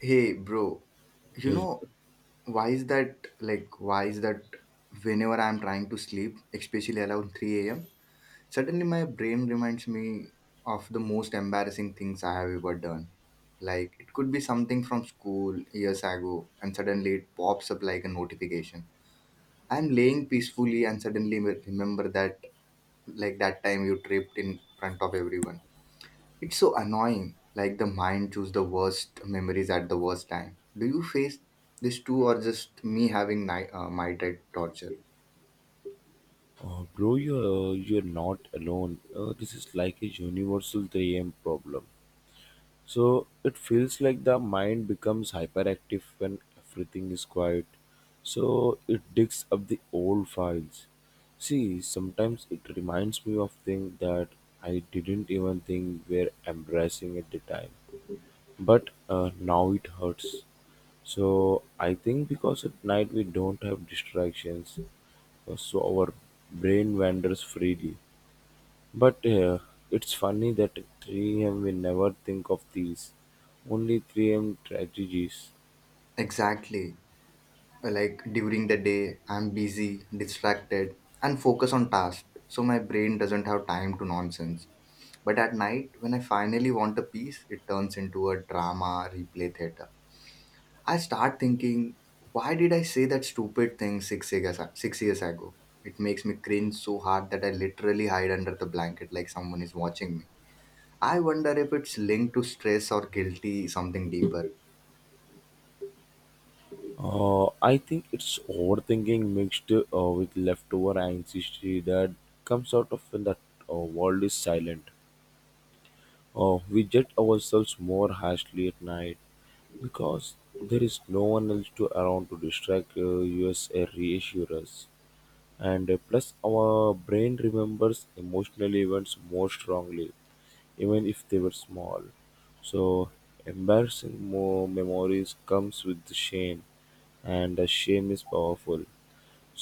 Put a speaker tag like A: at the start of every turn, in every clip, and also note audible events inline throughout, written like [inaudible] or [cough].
A: Hey, bro, you
B: Yes,
A: know, why is that whenever I'm trying to sleep, especially around 3 a.m., suddenly my brain reminds me of the most embarrassing things I have ever done. Like, it could be something from school years ago, and suddenly it pops up like a notification. I'm laying peacefully, and suddenly remember that, like, that time you tripped in front of everyone. It's so annoying, like the mind choose the worst memories at the worst time. Do you face this too, or just me having night torture?
B: bro, you're not alone. This is like a universal 3 a.m. problem. So it feels like the mind becomes hyperactive when everything is quiet. So it digs up the old files. See, sometimes it reminds me of things that I didn't even think were embarrassing at the time. But now it hurts. So I think because at night we don't have distractions, so our brain wanders freely. But it's funny that at 3 a.m. we never think of these, only 3 a.m. strategies.
A: Exactly. Like during the day, I'm busy, distracted, and focus on tasks, so my brain doesn't have time to nonsense. But at night, when I finally want a peace, it turns into a drama replay theater. I start thinking, why did I say that stupid thing six years ago? It makes me cringe so hard that I literally hide under the blanket like someone is watching me. I wonder if it's linked to stress or guilty, something deeper.
B: I think it's overthinking mixed with leftover anxiety that comes out of when the world is silent. We judge ourselves more harshly at night because there is no one else to around to distract us or reassure us. And plus our brain remembers emotional events more strongly, even if they were small, so embarrassing more memories comes with the shame, and the shame is powerful,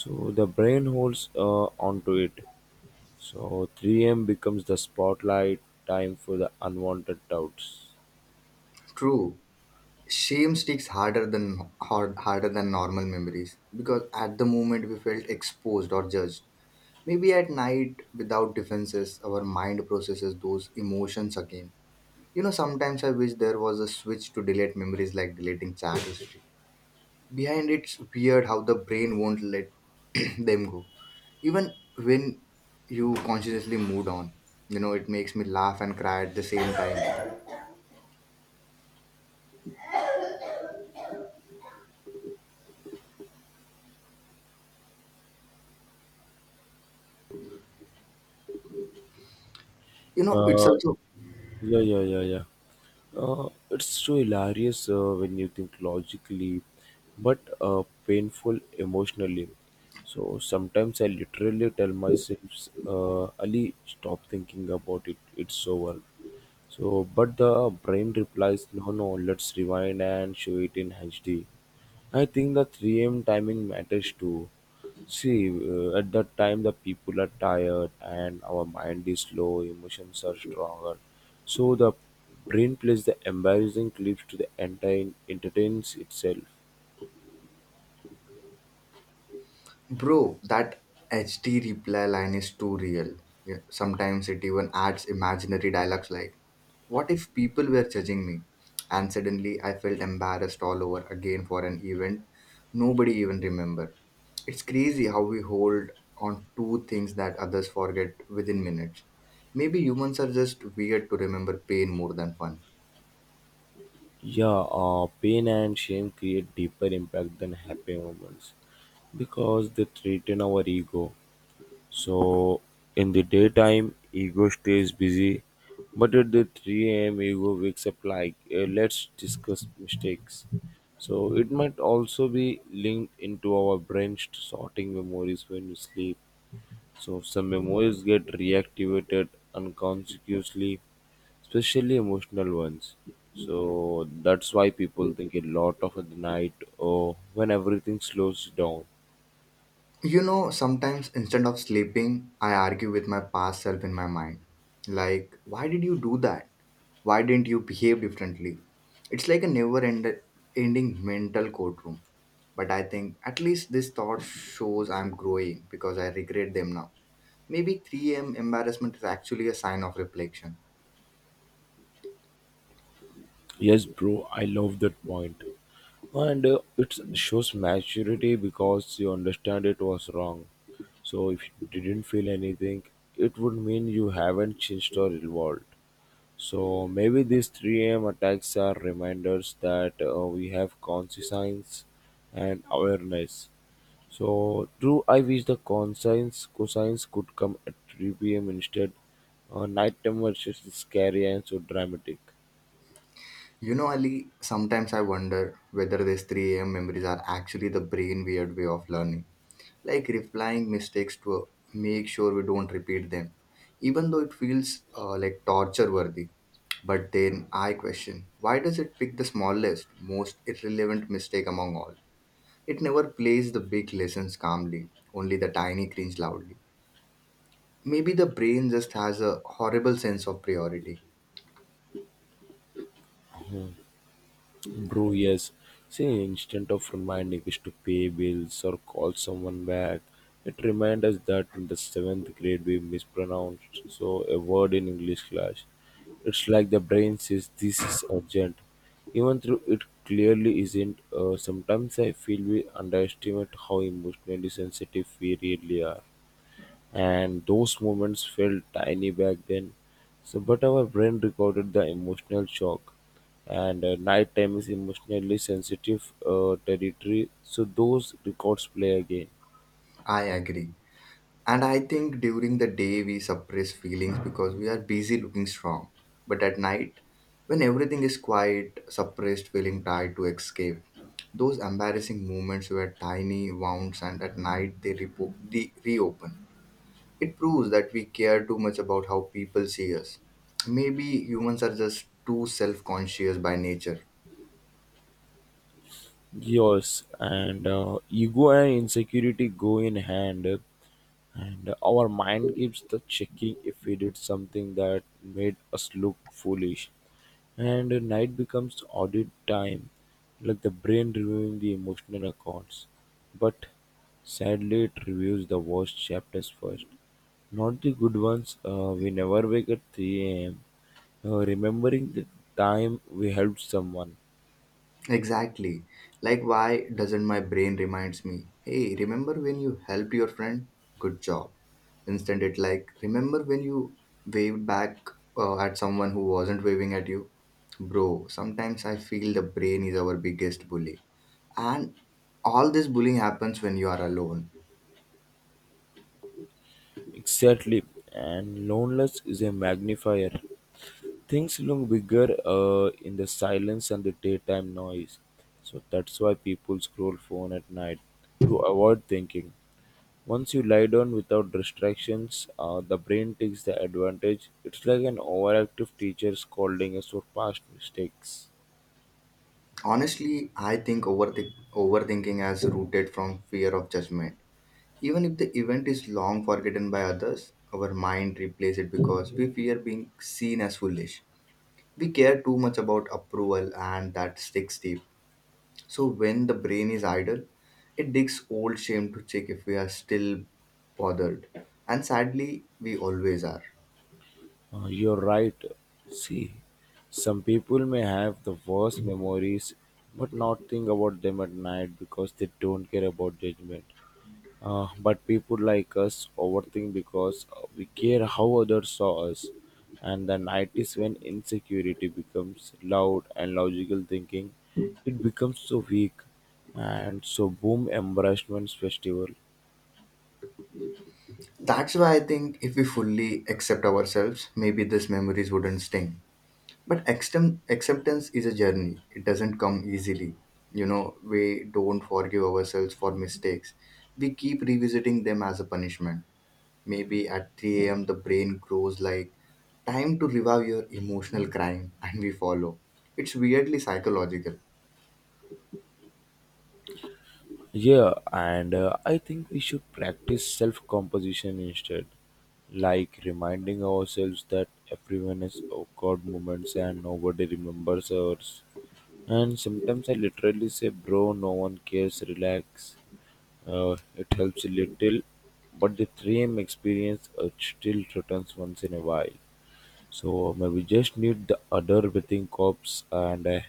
B: so the brain holds onto it. So 3 a.m. becomes the spotlight time for the unwanted doubts.
A: True, shame sticks harder than normal memories because at the moment we felt exposed or judged. Maybe at night, without defenses, our mind processes those emotions again. Sometimes I wish there was a switch to delete memories like deleting chat history. Behind it's weird how the brain won't let [clears throat] them go. Even when you consciously moved on. It makes me laugh and cry at the same time. It's
B: Uh,
A: also.
B: yeah, yeah, yeah, yeah. It's so hilarious when you think logically, but painful emotionally. So sometimes I literally tell myself, Ali, stop thinking about it. It's over. So, but the brain replies, no, no, let's rewind and show it in HD. I think the 3 a.m. timing matters too. See, at that time, the people are tired and our mind is slow, emotions are stronger. So, the brain plays the embarrassing clips to the entire entertains itself.
A: Bro, that HD reply line is too real. Yeah, sometimes it even adds imaginary dialogues like, what if people were judging me? And suddenly I felt embarrassed all over again for an event nobody even remembered. It's crazy how we hold on to things that others forget within minutes. Maybe humans are just weird to remember pain more than fun.
B: Yeah, pain and shame create deeper impact than happy moments because they threaten our ego. So in the daytime, ego stays busy, but at the 3 a.m., ego wakes up like, "Eh, let's discuss mistakes. So it might also be linked into our brains to sorting memories when we sleep. So some memories get reactivated unconsciously, especially emotional ones. So that's why people think a lot of at the night or when everything slows down.
A: Sometimes instead of sleeping, I argue with my past self in my mind. Like, why did you do that? Why didn't you behave differently? It's like a never ending mental courtroom. But I think at least this thought shows I'm growing because I regret them now. Maybe 3 a.m. embarrassment is actually a sign of reflection.
B: Yes, bro, I love that point. And it shows maturity because you understand it was wrong, so if you didn't feel anything it would mean you haven't changed or evolved. So maybe these 3 a.m. attacks are reminders that we have conscience and awareness. So true, I wish the conscience cosines could come at 3 p.m. instead. Nighttime was just scary and so dramatic.
A: Ali, sometimes I wonder whether these 3 a.m. memories are actually the brain weird way of learning, like replying mistakes to make sure we don't repeat them, even though it feels like torture worthy. But then I question, why does it pick the smallest most irrelevant mistake among all? It never plays the big lessons calmly, only the tiny cringe loudly. Maybe the brain just has a horrible sense of priority.
B: Bro, yes. See, instead of reminding us to pay bills or call someone back, it reminds us that in the seventh grade we mispronounced so a word in English class. It's like the brain says this is urgent, even though it clearly isn't. Sometimes I feel we underestimate how emotionally sensitive we really are, and those moments felt tiny back then, so but our brain recorded the emotional shock. And nighttime is emotionally sensitive territory, so those records play again.
A: I agree. And I think during the day we suppress feelings because we are busy looking strong. But at night, when everything is quiet, suppressed feeling tried to escape. Those embarrassing moments were tiny wounds, and at night they reopen. It proves that we care too much about how people see us. Maybe humans are just too self conscious by nature.
B: Yes, and ego and insecurity go in hand, and our mind keeps the checking if we did something that made us look foolish. And night becomes audit time, like the brain reviewing the emotional accounts. But sadly, it reviews the worst chapters first, not the good ones. We never wake at 3 a.m., remembering the time we helped someone.
A: Exactly. Like, why doesn't my brain reminds me, hey, remember when you helped your friend? Good job. Instead, it like, remember when you waved back at someone who wasn't waving at you? Bro, sometimes I feel the brain is our biggest bully. And all this bullying happens when you are alone.
B: Exactly, and loneliness is a magnifier. Things look bigger in the silence and the daytime noise. So that's why people scroll phone at night to avoid thinking. Once you lie down without distractions, the brain takes the advantage. It's like an overactive teacher scolding us for past mistakes.
A: Honestly, I think overthinking has rooted from fear of judgment. Even if the event is long forgotten by others, our mind replays it because we fear being seen as foolish. We care too much about approval and that sticks deep. So when the brain is idle, it digs old shame to check if we are still bothered. And sadly, we always are.
B: You're right. See, some people may have the worst memories but not think about them at night because they don't care about judgment. But people like us overthink because we care how others saw us. And the night is when insecurity becomes loud and logical thinking, it becomes so weak. And so boom embarrassment festival.
A: That's why I think if we fully accept ourselves, maybe these memories wouldn't sting. But acceptance is a journey. It doesn't come easily. We don't forgive ourselves for mistakes. We keep revisiting them as a punishment. Maybe at 3 a.m., the brain grows like time to revive your emotional crime, [laughs] and we follow. It's weirdly psychological.
B: Yeah, and I think we should practice self-composition instead. Like reminding ourselves that everyone has awkward moments and nobody remembers ours. And sometimes I literally say, bro, no one cares, relax. It helps a little, but the 3M experience still returns once in a while. So maybe just need the other breathing cops and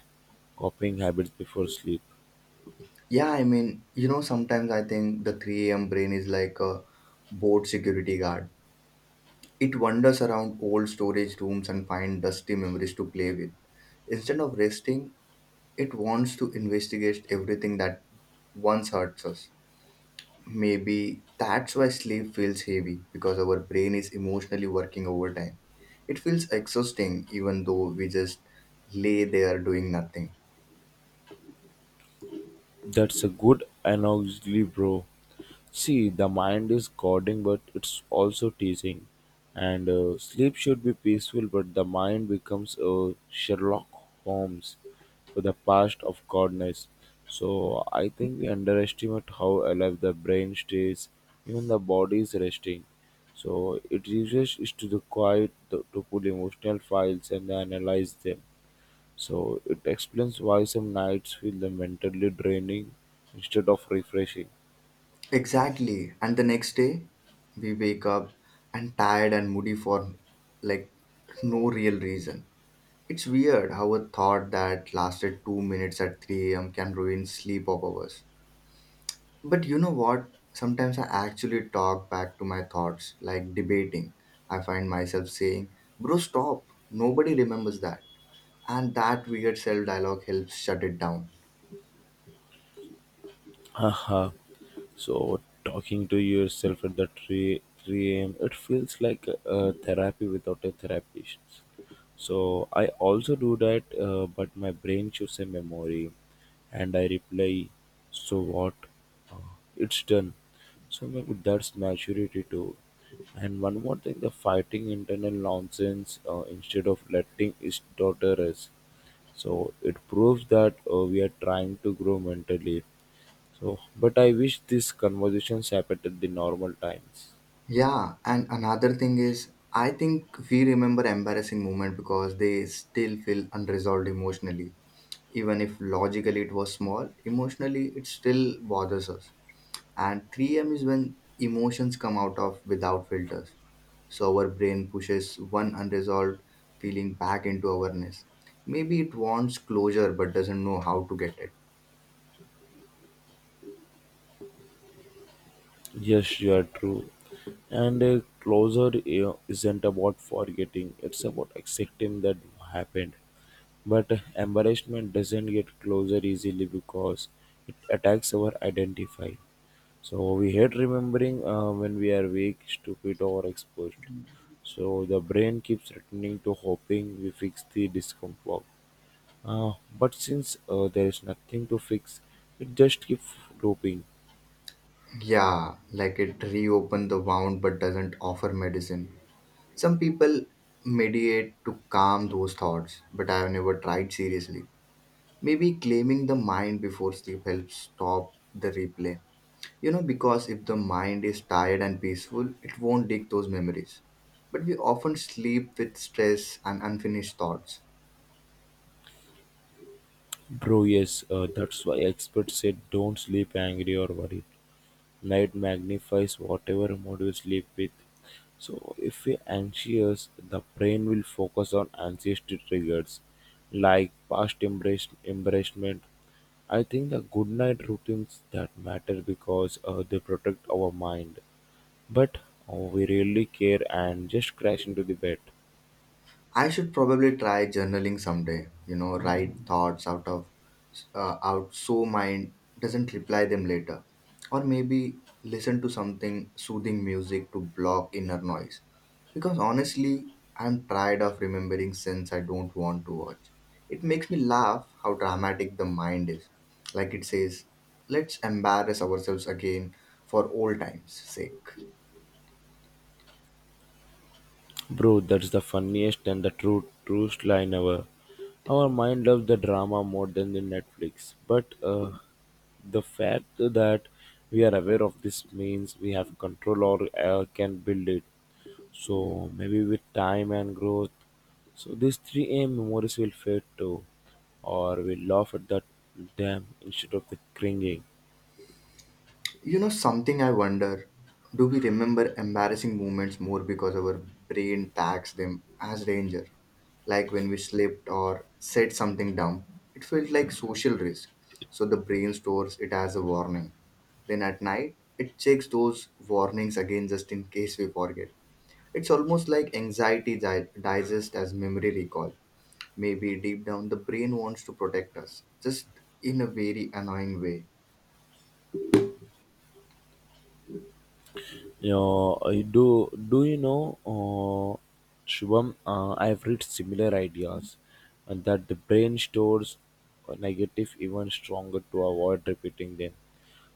B: copying habits before sleep.
A: Yeah, I mean, sometimes I think the 3 a.m. brain is like a bored security guard. It wanders around old storage rooms and finds dusty memories to play with. Instead of resting, it wants to investigate everything that once hurts us. Maybe that's why sleep feels heavy because our brain is emotionally working overtime. It feels exhausting even though we just lay there doing nothing.
B: That's a good analogy, bro. See, the mind is guarding, but it's also teaching. And sleep should be peaceful, but the mind becomes a Sherlock Holmes for the past of godness. So I think we underestimate how alive the brain stays, even the body is resting. So it uses is to the quiet to pull emotional files and analyze them. So it explains why some nights feel mentally draining instead of refreshing.
A: Exactly. And the next day, we wake up and tired and moody for like no real reason. It's weird how a thought that lasted 2 minutes at 3 a.m. can ruin sleep of ours. But you know what? Sometimes I actually talk back to my thoughts, like debating. I find myself saying, bro, stop. Nobody remembers that. And that weird self dialogue helps shut it down.
B: [laughs] Haha. So talking to yourself at the 3 a.m., it feels like therapy without a therapist. So I also do that, but my brain chooses a memory, and I reply, "So what? Uh, it's done." So maybe that's maturity too. And one more thing, the fighting internal nonsense instead of letting it daughter us. So it proves that we are trying to grow mentally, so, but I wish these conversations happened at the normal times.
A: Yeah, and another thing is, I think we remember embarrassing moment because they still feel unresolved emotionally. Even if logically it was small, emotionally it still bothers us. And 3 a.m. is when emotions come out of without filters. So our brain pushes one unresolved feeling back into awareness. Maybe it wants closure but doesn't know how to get it.
B: Yes, you are true. And closure isn't about forgetting, it's about accepting that happened. But embarrassment doesn't get closure easily because it attacks our identify. So we hate remembering when we are weak, stupid, or exposed. So the brain keeps returning to hoping we fix the discomfort. But since there is nothing to fix, it just keeps looping.
A: Yeah, like it reopen the wound but doesn't offer medicine. Some people mediate to calm those thoughts, but I have never tried seriously. Maybe claiming the mind before sleep helps stop the replay. Because if the mind is tired and peaceful, it won't dig those memories. But we often sleep with stress and unfinished thoughts.
B: Bro, yes, that's why experts say don't sleep angry or worried. Night magnifies whatever mood you sleep with. So, if you're anxious, the brain will focus on ancestry triggers like past embrace, embarrassment. I think the good night routines that matter because they protect our mind, but we really care and just crash into the bed.
A: I should probably try journaling someday, write thoughts out so mind doesn't reply them later. Or maybe listen to something soothing music to block inner noise. Because honestly, I'm tired of remembering sins I don't want to watch. It makes me laugh how dramatic the mind is. Like it says, let's embarrass ourselves again for old times' sake.
B: Bro, that's the funniest and the truest line ever. Our mind loves the drama more than the Netflix. But the fact that we are aware of this means we have control or can build it. So maybe with time and growth, so these 3A memories will fade too, or we laugh at that them instead of the cringing.
A: You know something I wonder? Do we remember embarrassing moments more because our brain tags them as danger? Like when we slipped or said something dumb, it felt like social risk. So the brain stores it as a warning. Then at night, it checks those warnings again just in case we forget. It's almost like anxiety digest as memory recall. Maybe deep down, the brain wants to protect us, just in a very annoying way.
B: Yeah, I do. Do you know, Shubham? I have read similar ideas, and that the brain stores negative even stronger to avoid repeating them.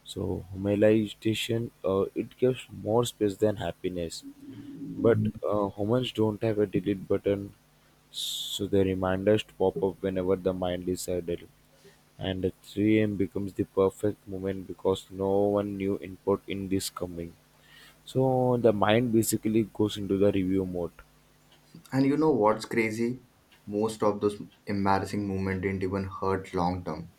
B: So homogenization, it gives more space than happiness, but humans don't have a delete button, so the reminders to pop up whenever the mind is idle. And the 3 a.m. becomes the perfect moment because no one new input in this coming. So the mind basically goes into the review mode.
A: And you know what's crazy? Most of those embarrassing moments didn't even hurt long term.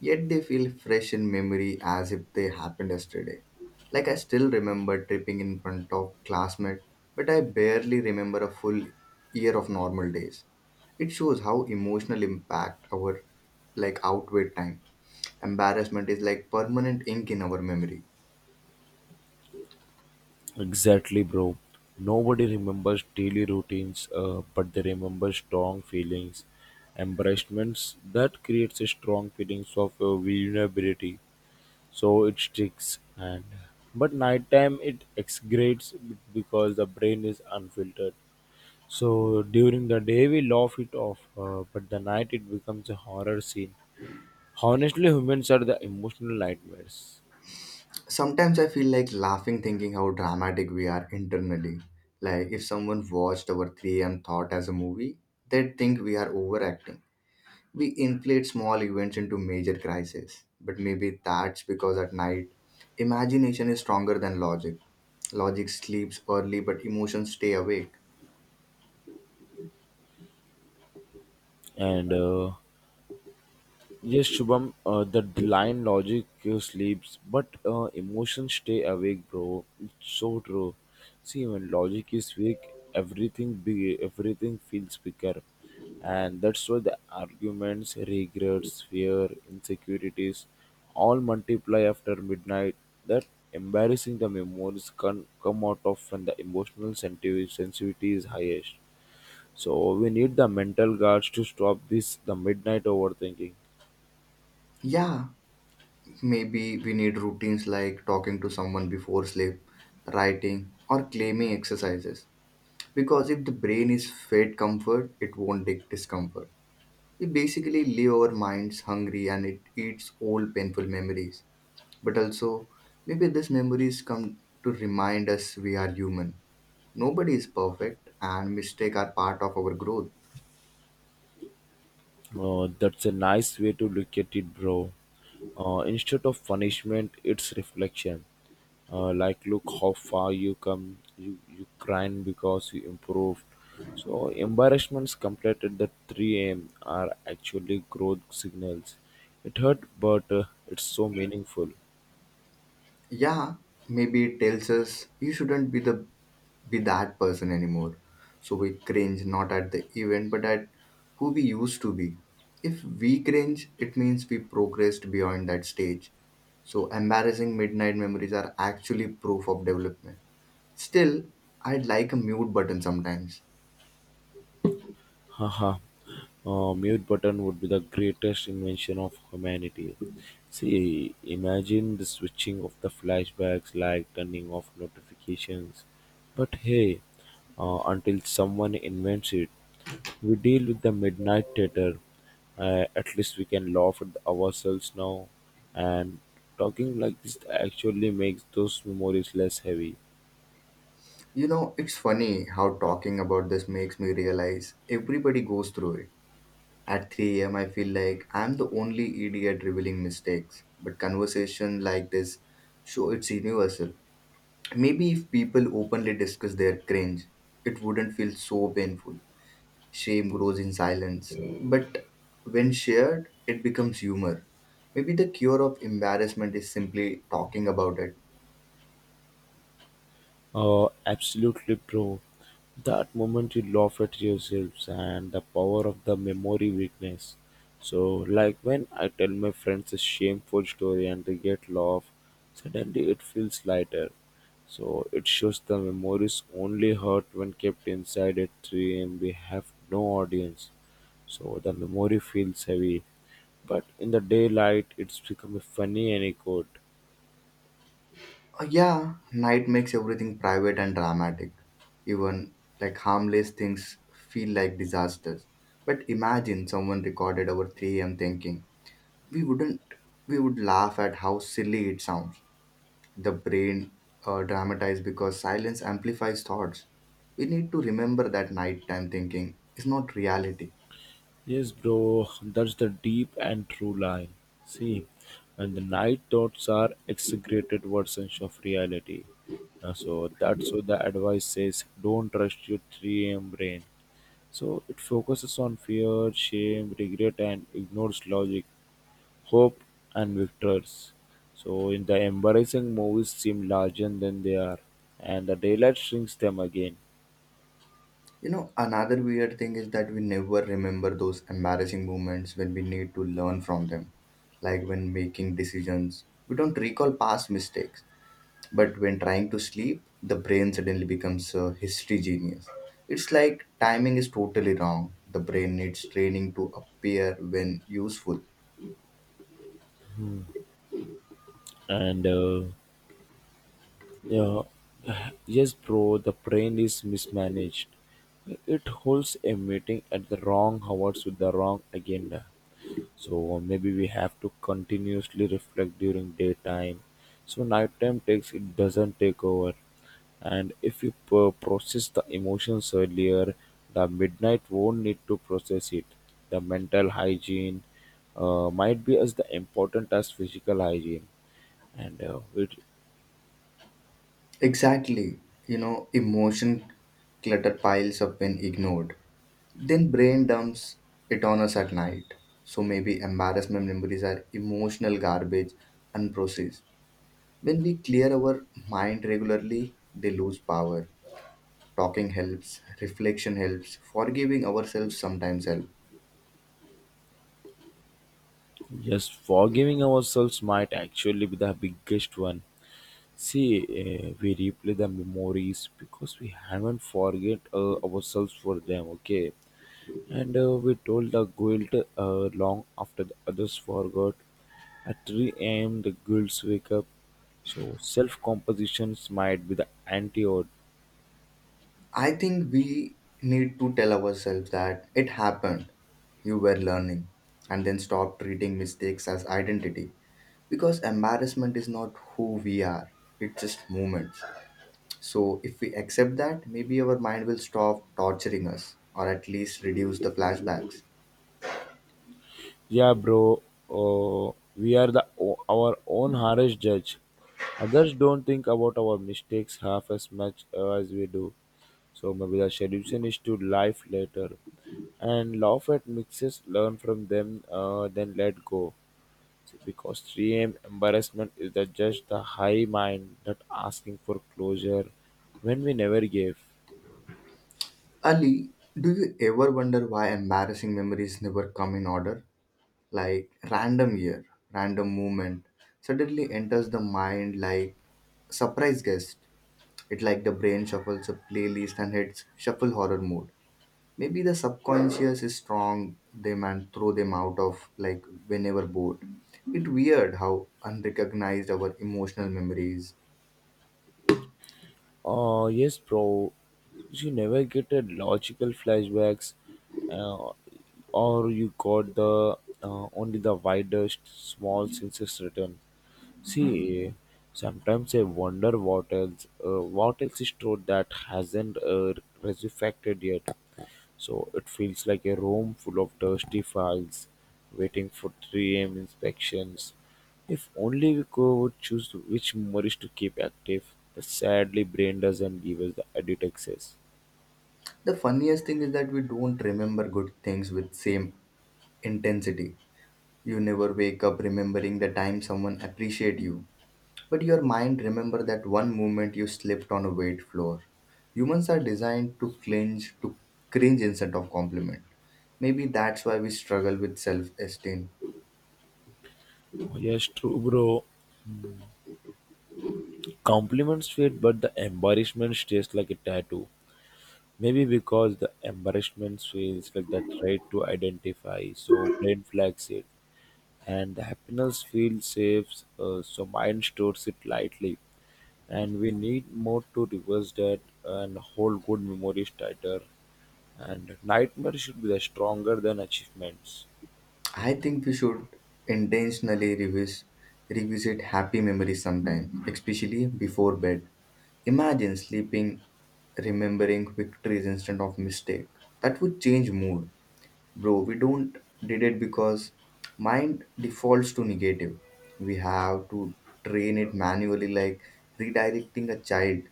A: Yet they feel fresh in memory as if they happened yesterday. Like I still remember tripping in front of classmate, but I barely remember a full year of normal days. It shows how emotional impact our like outweigh time. Embarrassment is like permanent ink in our memory.
B: Exactly, bro. Nobody remembers daily routines, but they remember strong feelings, embarrassments. That creates a strong feelings of vulnerability. So it sticks. And but nighttime it excretes because the brain is unfiltered. So during the day we laugh it off, but the night it becomes a horror scene. Honestly, humans are the emotional nightmares.
A: Sometimes I feel like laughing thinking how dramatic we are internally. Like if someone watched our 3 a.m. thought as a movie, they'd think we are overacting. We inflate small events into major crises. But maybe that's because at night, imagination is stronger than logic. Logic sleeps early, but emotions stay awake.
B: And yes, Shubham, the line logic sleeps, but emotions stay awake, bro. It's so true. See, when logic is weak, everything big, everything feels bigger, and that's why the arguments, regrets, fear, insecurities, all multiply after midnight. That embarrassing the memories can come out of when the emotional sensitivity is highest. So we need the mental guards to stop this the midnight overthinking.
A: Yeah, maybe we need routines like talking to someone before sleep, writing, or claiming exercises. Because if the brain is fed comfort, it won't take discomfort. We basically leave our minds hungry and it eats old painful memories. But also, maybe these memories come to remind us we are human. Nobody is perfect and mistakes are part of our growth.
B: That's a nice way to look at it, bro. Instead of punishment, it's reflection. Like, look how far you come. You crying because you improved. So embarrassments completed at 3 a.m. are actually growth signals. It hurt, but it's so meaningful.
A: Yeah, maybe it tells us, you shouldn't be that person anymore. So we cringe not at the event but at who we used to be. If we cringe, it means we progressed beyond that stage. So embarrassing midnight memories are actually proof of development. Still, I'd like a mute button sometimes.
B: Haha, mute button would be the greatest invention of humanity. See, imagine the switching of the flashbacks, like turning off notifications. But hey, until someone invents it, we deal with the midnight theater. At least we can laugh at ourselves now, and talking like this actually makes those memories less heavy.
A: It's funny how talking about this makes me realize everybody goes through it. At 3 a.m., I feel like I'm the only idiot revealing mistakes. But conversation like this show it's universal. Maybe if people openly discuss their cringe, it wouldn't feel so painful. Shame grows in silence. But when shared, it becomes humor. Maybe the cure of embarrassment is simply talking about it.
B: Absolutely, bro. That moment you laugh at yourselves and the power of the memory weakness. So like when I tell my friends a shameful story and they get laugh, suddenly it feels lighter. So it shows the memories only hurt when kept inside a tree and we have no audience, so the memory feels heavy. But in the daylight it's become a funny anecdote.
A: Yeah, night makes everything private and dramatic. Even like harmless things feel like disasters. But imagine someone recorded our 3 a.m. thinking. We wouldn't, we would laugh at how silly it sounds. The brain dramatized because silence amplifies thoughts. We need to remember that nighttime thinking is not reality.
B: Yes, bro, that's the deep and true line. See, and the night thoughts are exaggerated versions of reality. So that's what the advice says. Don't trust your 3 a.m. brain. So it focuses on fear, shame, regret, and ignores logic, hope, and victors. So in the embarrassing movies seem larger than they are, and the daylight shrinks them again.
A: Another weird thing is that we never remember those embarrassing moments when we need to learn from them. Like when making decisions, we don't recall past mistakes. But when trying to sleep, the brain suddenly becomes a history genius. It's like timing is totally wrong. The brain needs training to appear when useful.
B: And yeah, yes, bro, the brain is mismanaged. It holds a meeting at the wrong hours with the wrong agenda. So maybe we have to continuously reflect during daytime. So nighttime takes it doesn't take over. And if you process the emotions earlier, the midnight won't need to process it. The mental hygiene might be as the important as physical hygiene, and it.
A: Exactly. Emotion clutter piles up when ignored. Then brain dumps it on us at night. So maybe embarrassment memories are emotional garbage unprocessed. When we clear our mind regularly, they lose power. Talking helps, reflection helps, forgiving ourselves sometimes helps.
B: Yes, forgiving ourselves might actually be the biggest one. See, we replay the memories because we haven't forget ourselves for them, okay? And we told the guilt long after the others forgot. At 3 a.m., the guilds wake up. So, self compositions might be the antidote.
A: I think we need to tell ourselves that it happened, you were learning, and then stop treating mistakes as identity, because embarrassment is not who we are, it's just moments. So, if we accept that, maybe our mind will stop torturing us or at least reduce the flashbacks.
B: Yeah, bro. We are the o- our own harsh judge. Others don't think about our mistakes half as much as we do. So maybe the solution is to life later, and laugh at mixes, learn from them, then let go. Because 3 a.m. embarrassment is the just the high mind that asking for closure when we never gave.
A: Ali, do you ever wonder why embarrassing memories never come in order? Like random year, random moment suddenly enters the mind like surprise guest. It like the brain shuffles a playlist and hits shuffle horror mode. Maybe the subconscious is strong them and throw them out of like whenever bored. It weird how unrecognized our emotional memory is.
B: Yes, bro. You never get a logical flashbacks, uh, or you got the only the widest small senses return. See, sometimes I wonder what else is true that hasn't resurrected yet. So it feels like a room full of dusty files waiting for 3 a.m. inspections. If only we could choose which memories to keep active, but sadly, Brain doesn't give us the edit access.
A: The funniest thing is that we don't remember good things with same intensity. You never wake up remembering the time someone appreciate you. But your mind remember that one moment you slipped on a wet floor. Humans are designed to cringe instead of compliment. Maybe that's why we struggle with self-esteem.
B: Oh, yes, true, bro. Compliments fade, but the embarrassment stays like a tattoo. Maybe because the embarrassment feels like the threat to identify, so Brain flags it. And the happiness feels safe, so mind stores it lightly. And we need more to reverse that and hold good memories tighter, and nightmare should be the stronger than achievements.
A: I think we should intentionally revisit happy memories sometime, especially before bed. Imagine sleeping remembering victories instead of mistake. That would change mood. Bro, we don't did it because mind defaults to negative. We have to train it manually, like redirecting a child.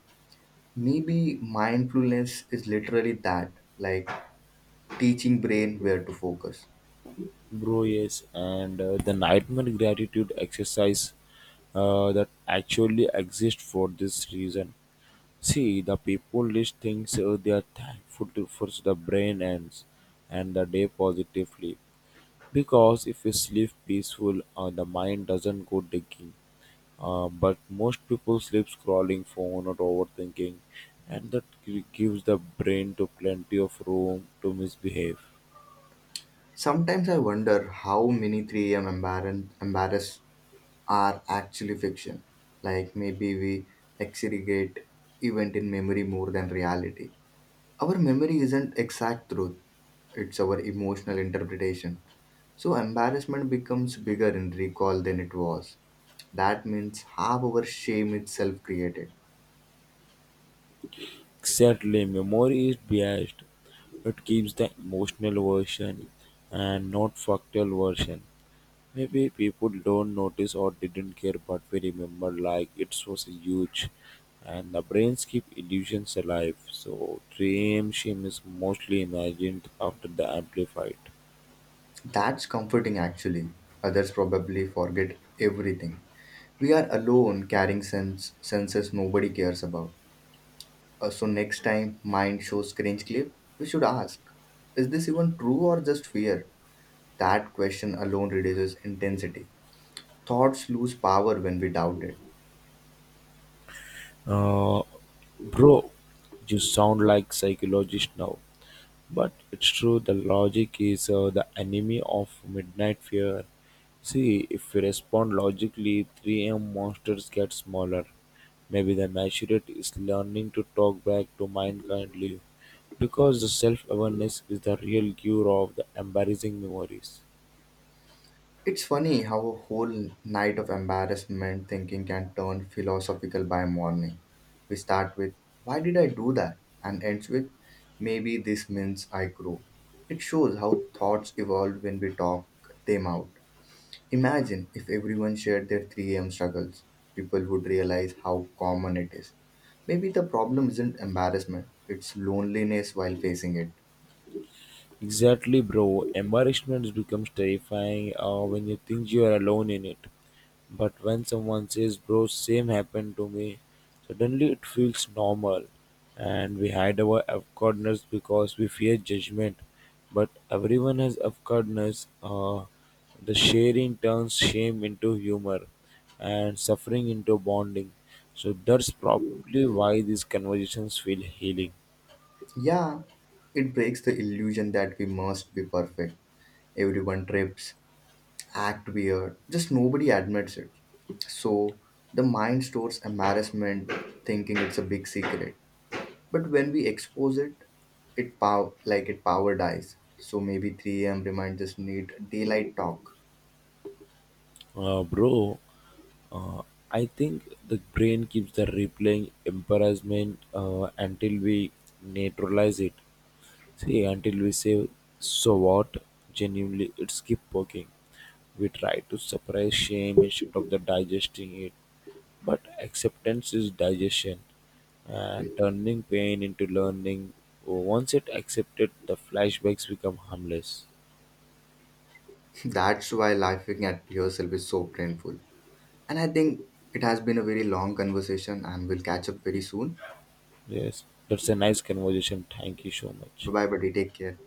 A: Maybe mindfulness is literally that, like teaching brain where to focus.
B: Bro, yes, and the nightmare gratitude exercise that actually exists for this reason. See, the people list things they are thankful to for the brain ends and the day positively, because if we sleep peaceful, the mind doesn't go digging. But most people sleep scrolling phone or overthinking, and that gives the brain to plenty of room to misbehave.
A: Sometimes I wonder how many 3 a.m. embarrass are actually fiction. Like maybe we exaggerate event in memory more than reality. Our memory isn't exact truth, it's our emotional interpretation. So embarrassment becomes bigger in recall than it was. That means half our shame itself created.
B: Exactly, memory is biased. It keeps the emotional version and not factual version. Maybe people don't notice or didn't care, but we remember like it was huge. And the brains keep illusions alive, so dream shame is mostly imagined after the amplified.
A: That's comforting actually. Others probably forget everything. We are alone carrying senses nobody cares about. So next time mind shows cringe clip, we should ask, is this even true or just fear? That question alone reduces intensity. Thoughts lose power when we doubt it.
B: Uh, bro, you sound like psychologist now, but it's true. The logic is the enemy of midnight fear. See, if we respond logically, 3 a.m. monsters get smaller. Maybe the Maturate is learning to talk back to mind kindly, because the self-awareness is the real cure of the embarrassing memories.
A: It's funny how a whole night of embarrassment thinking can turn philosophical by morning. We start with, why did I do that? And ends with, maybe this means I grow. It shows how thoughts evolve when we talk them out. Imagine if everyone shared their 3 a.m. struggles. People would realize how common it is. Maybe the problem isn't embarrassment, it's loneliness while facing it.
B: Exactly, bro. Embarrassment becomes terrifying when you think you are alone in it. But when someone says, bro, same happened to me, suddenly it feels normal. And we hide our awkwardness because we fear judgment. But everyone has awkwardness. The sharing turns shame into humor and suffering into bonding. So that's probably why these conversations feel healing.
A: Yeah, it breaks the illusion that we must be perfect. Everyone trips, act weird, just nobody admits it. So the mind stores embarrassment, thinking it's a big secret. But when we expose it, it power dies. So maybe 3 a.m. reminds us need daylight talk.
B: Bro, uh, I think the brain keeps the replaying embarrassment until we neutralize it. See, until we say, so what? Genuinely, it's keep poking. We try to suppress shame instead of the digesting it. But acceptance is digestion and turning pain into learning. Once it accepted, the flashbacks become harmless.
A: [laughs] That's why laughing at yourself is so painful. And I think it has been a very long conversation and we'll catch up very soon.
B: Yes, that's a nice conversation. Thank you so
A: Bye
B: much.
A: bye buddy, take care.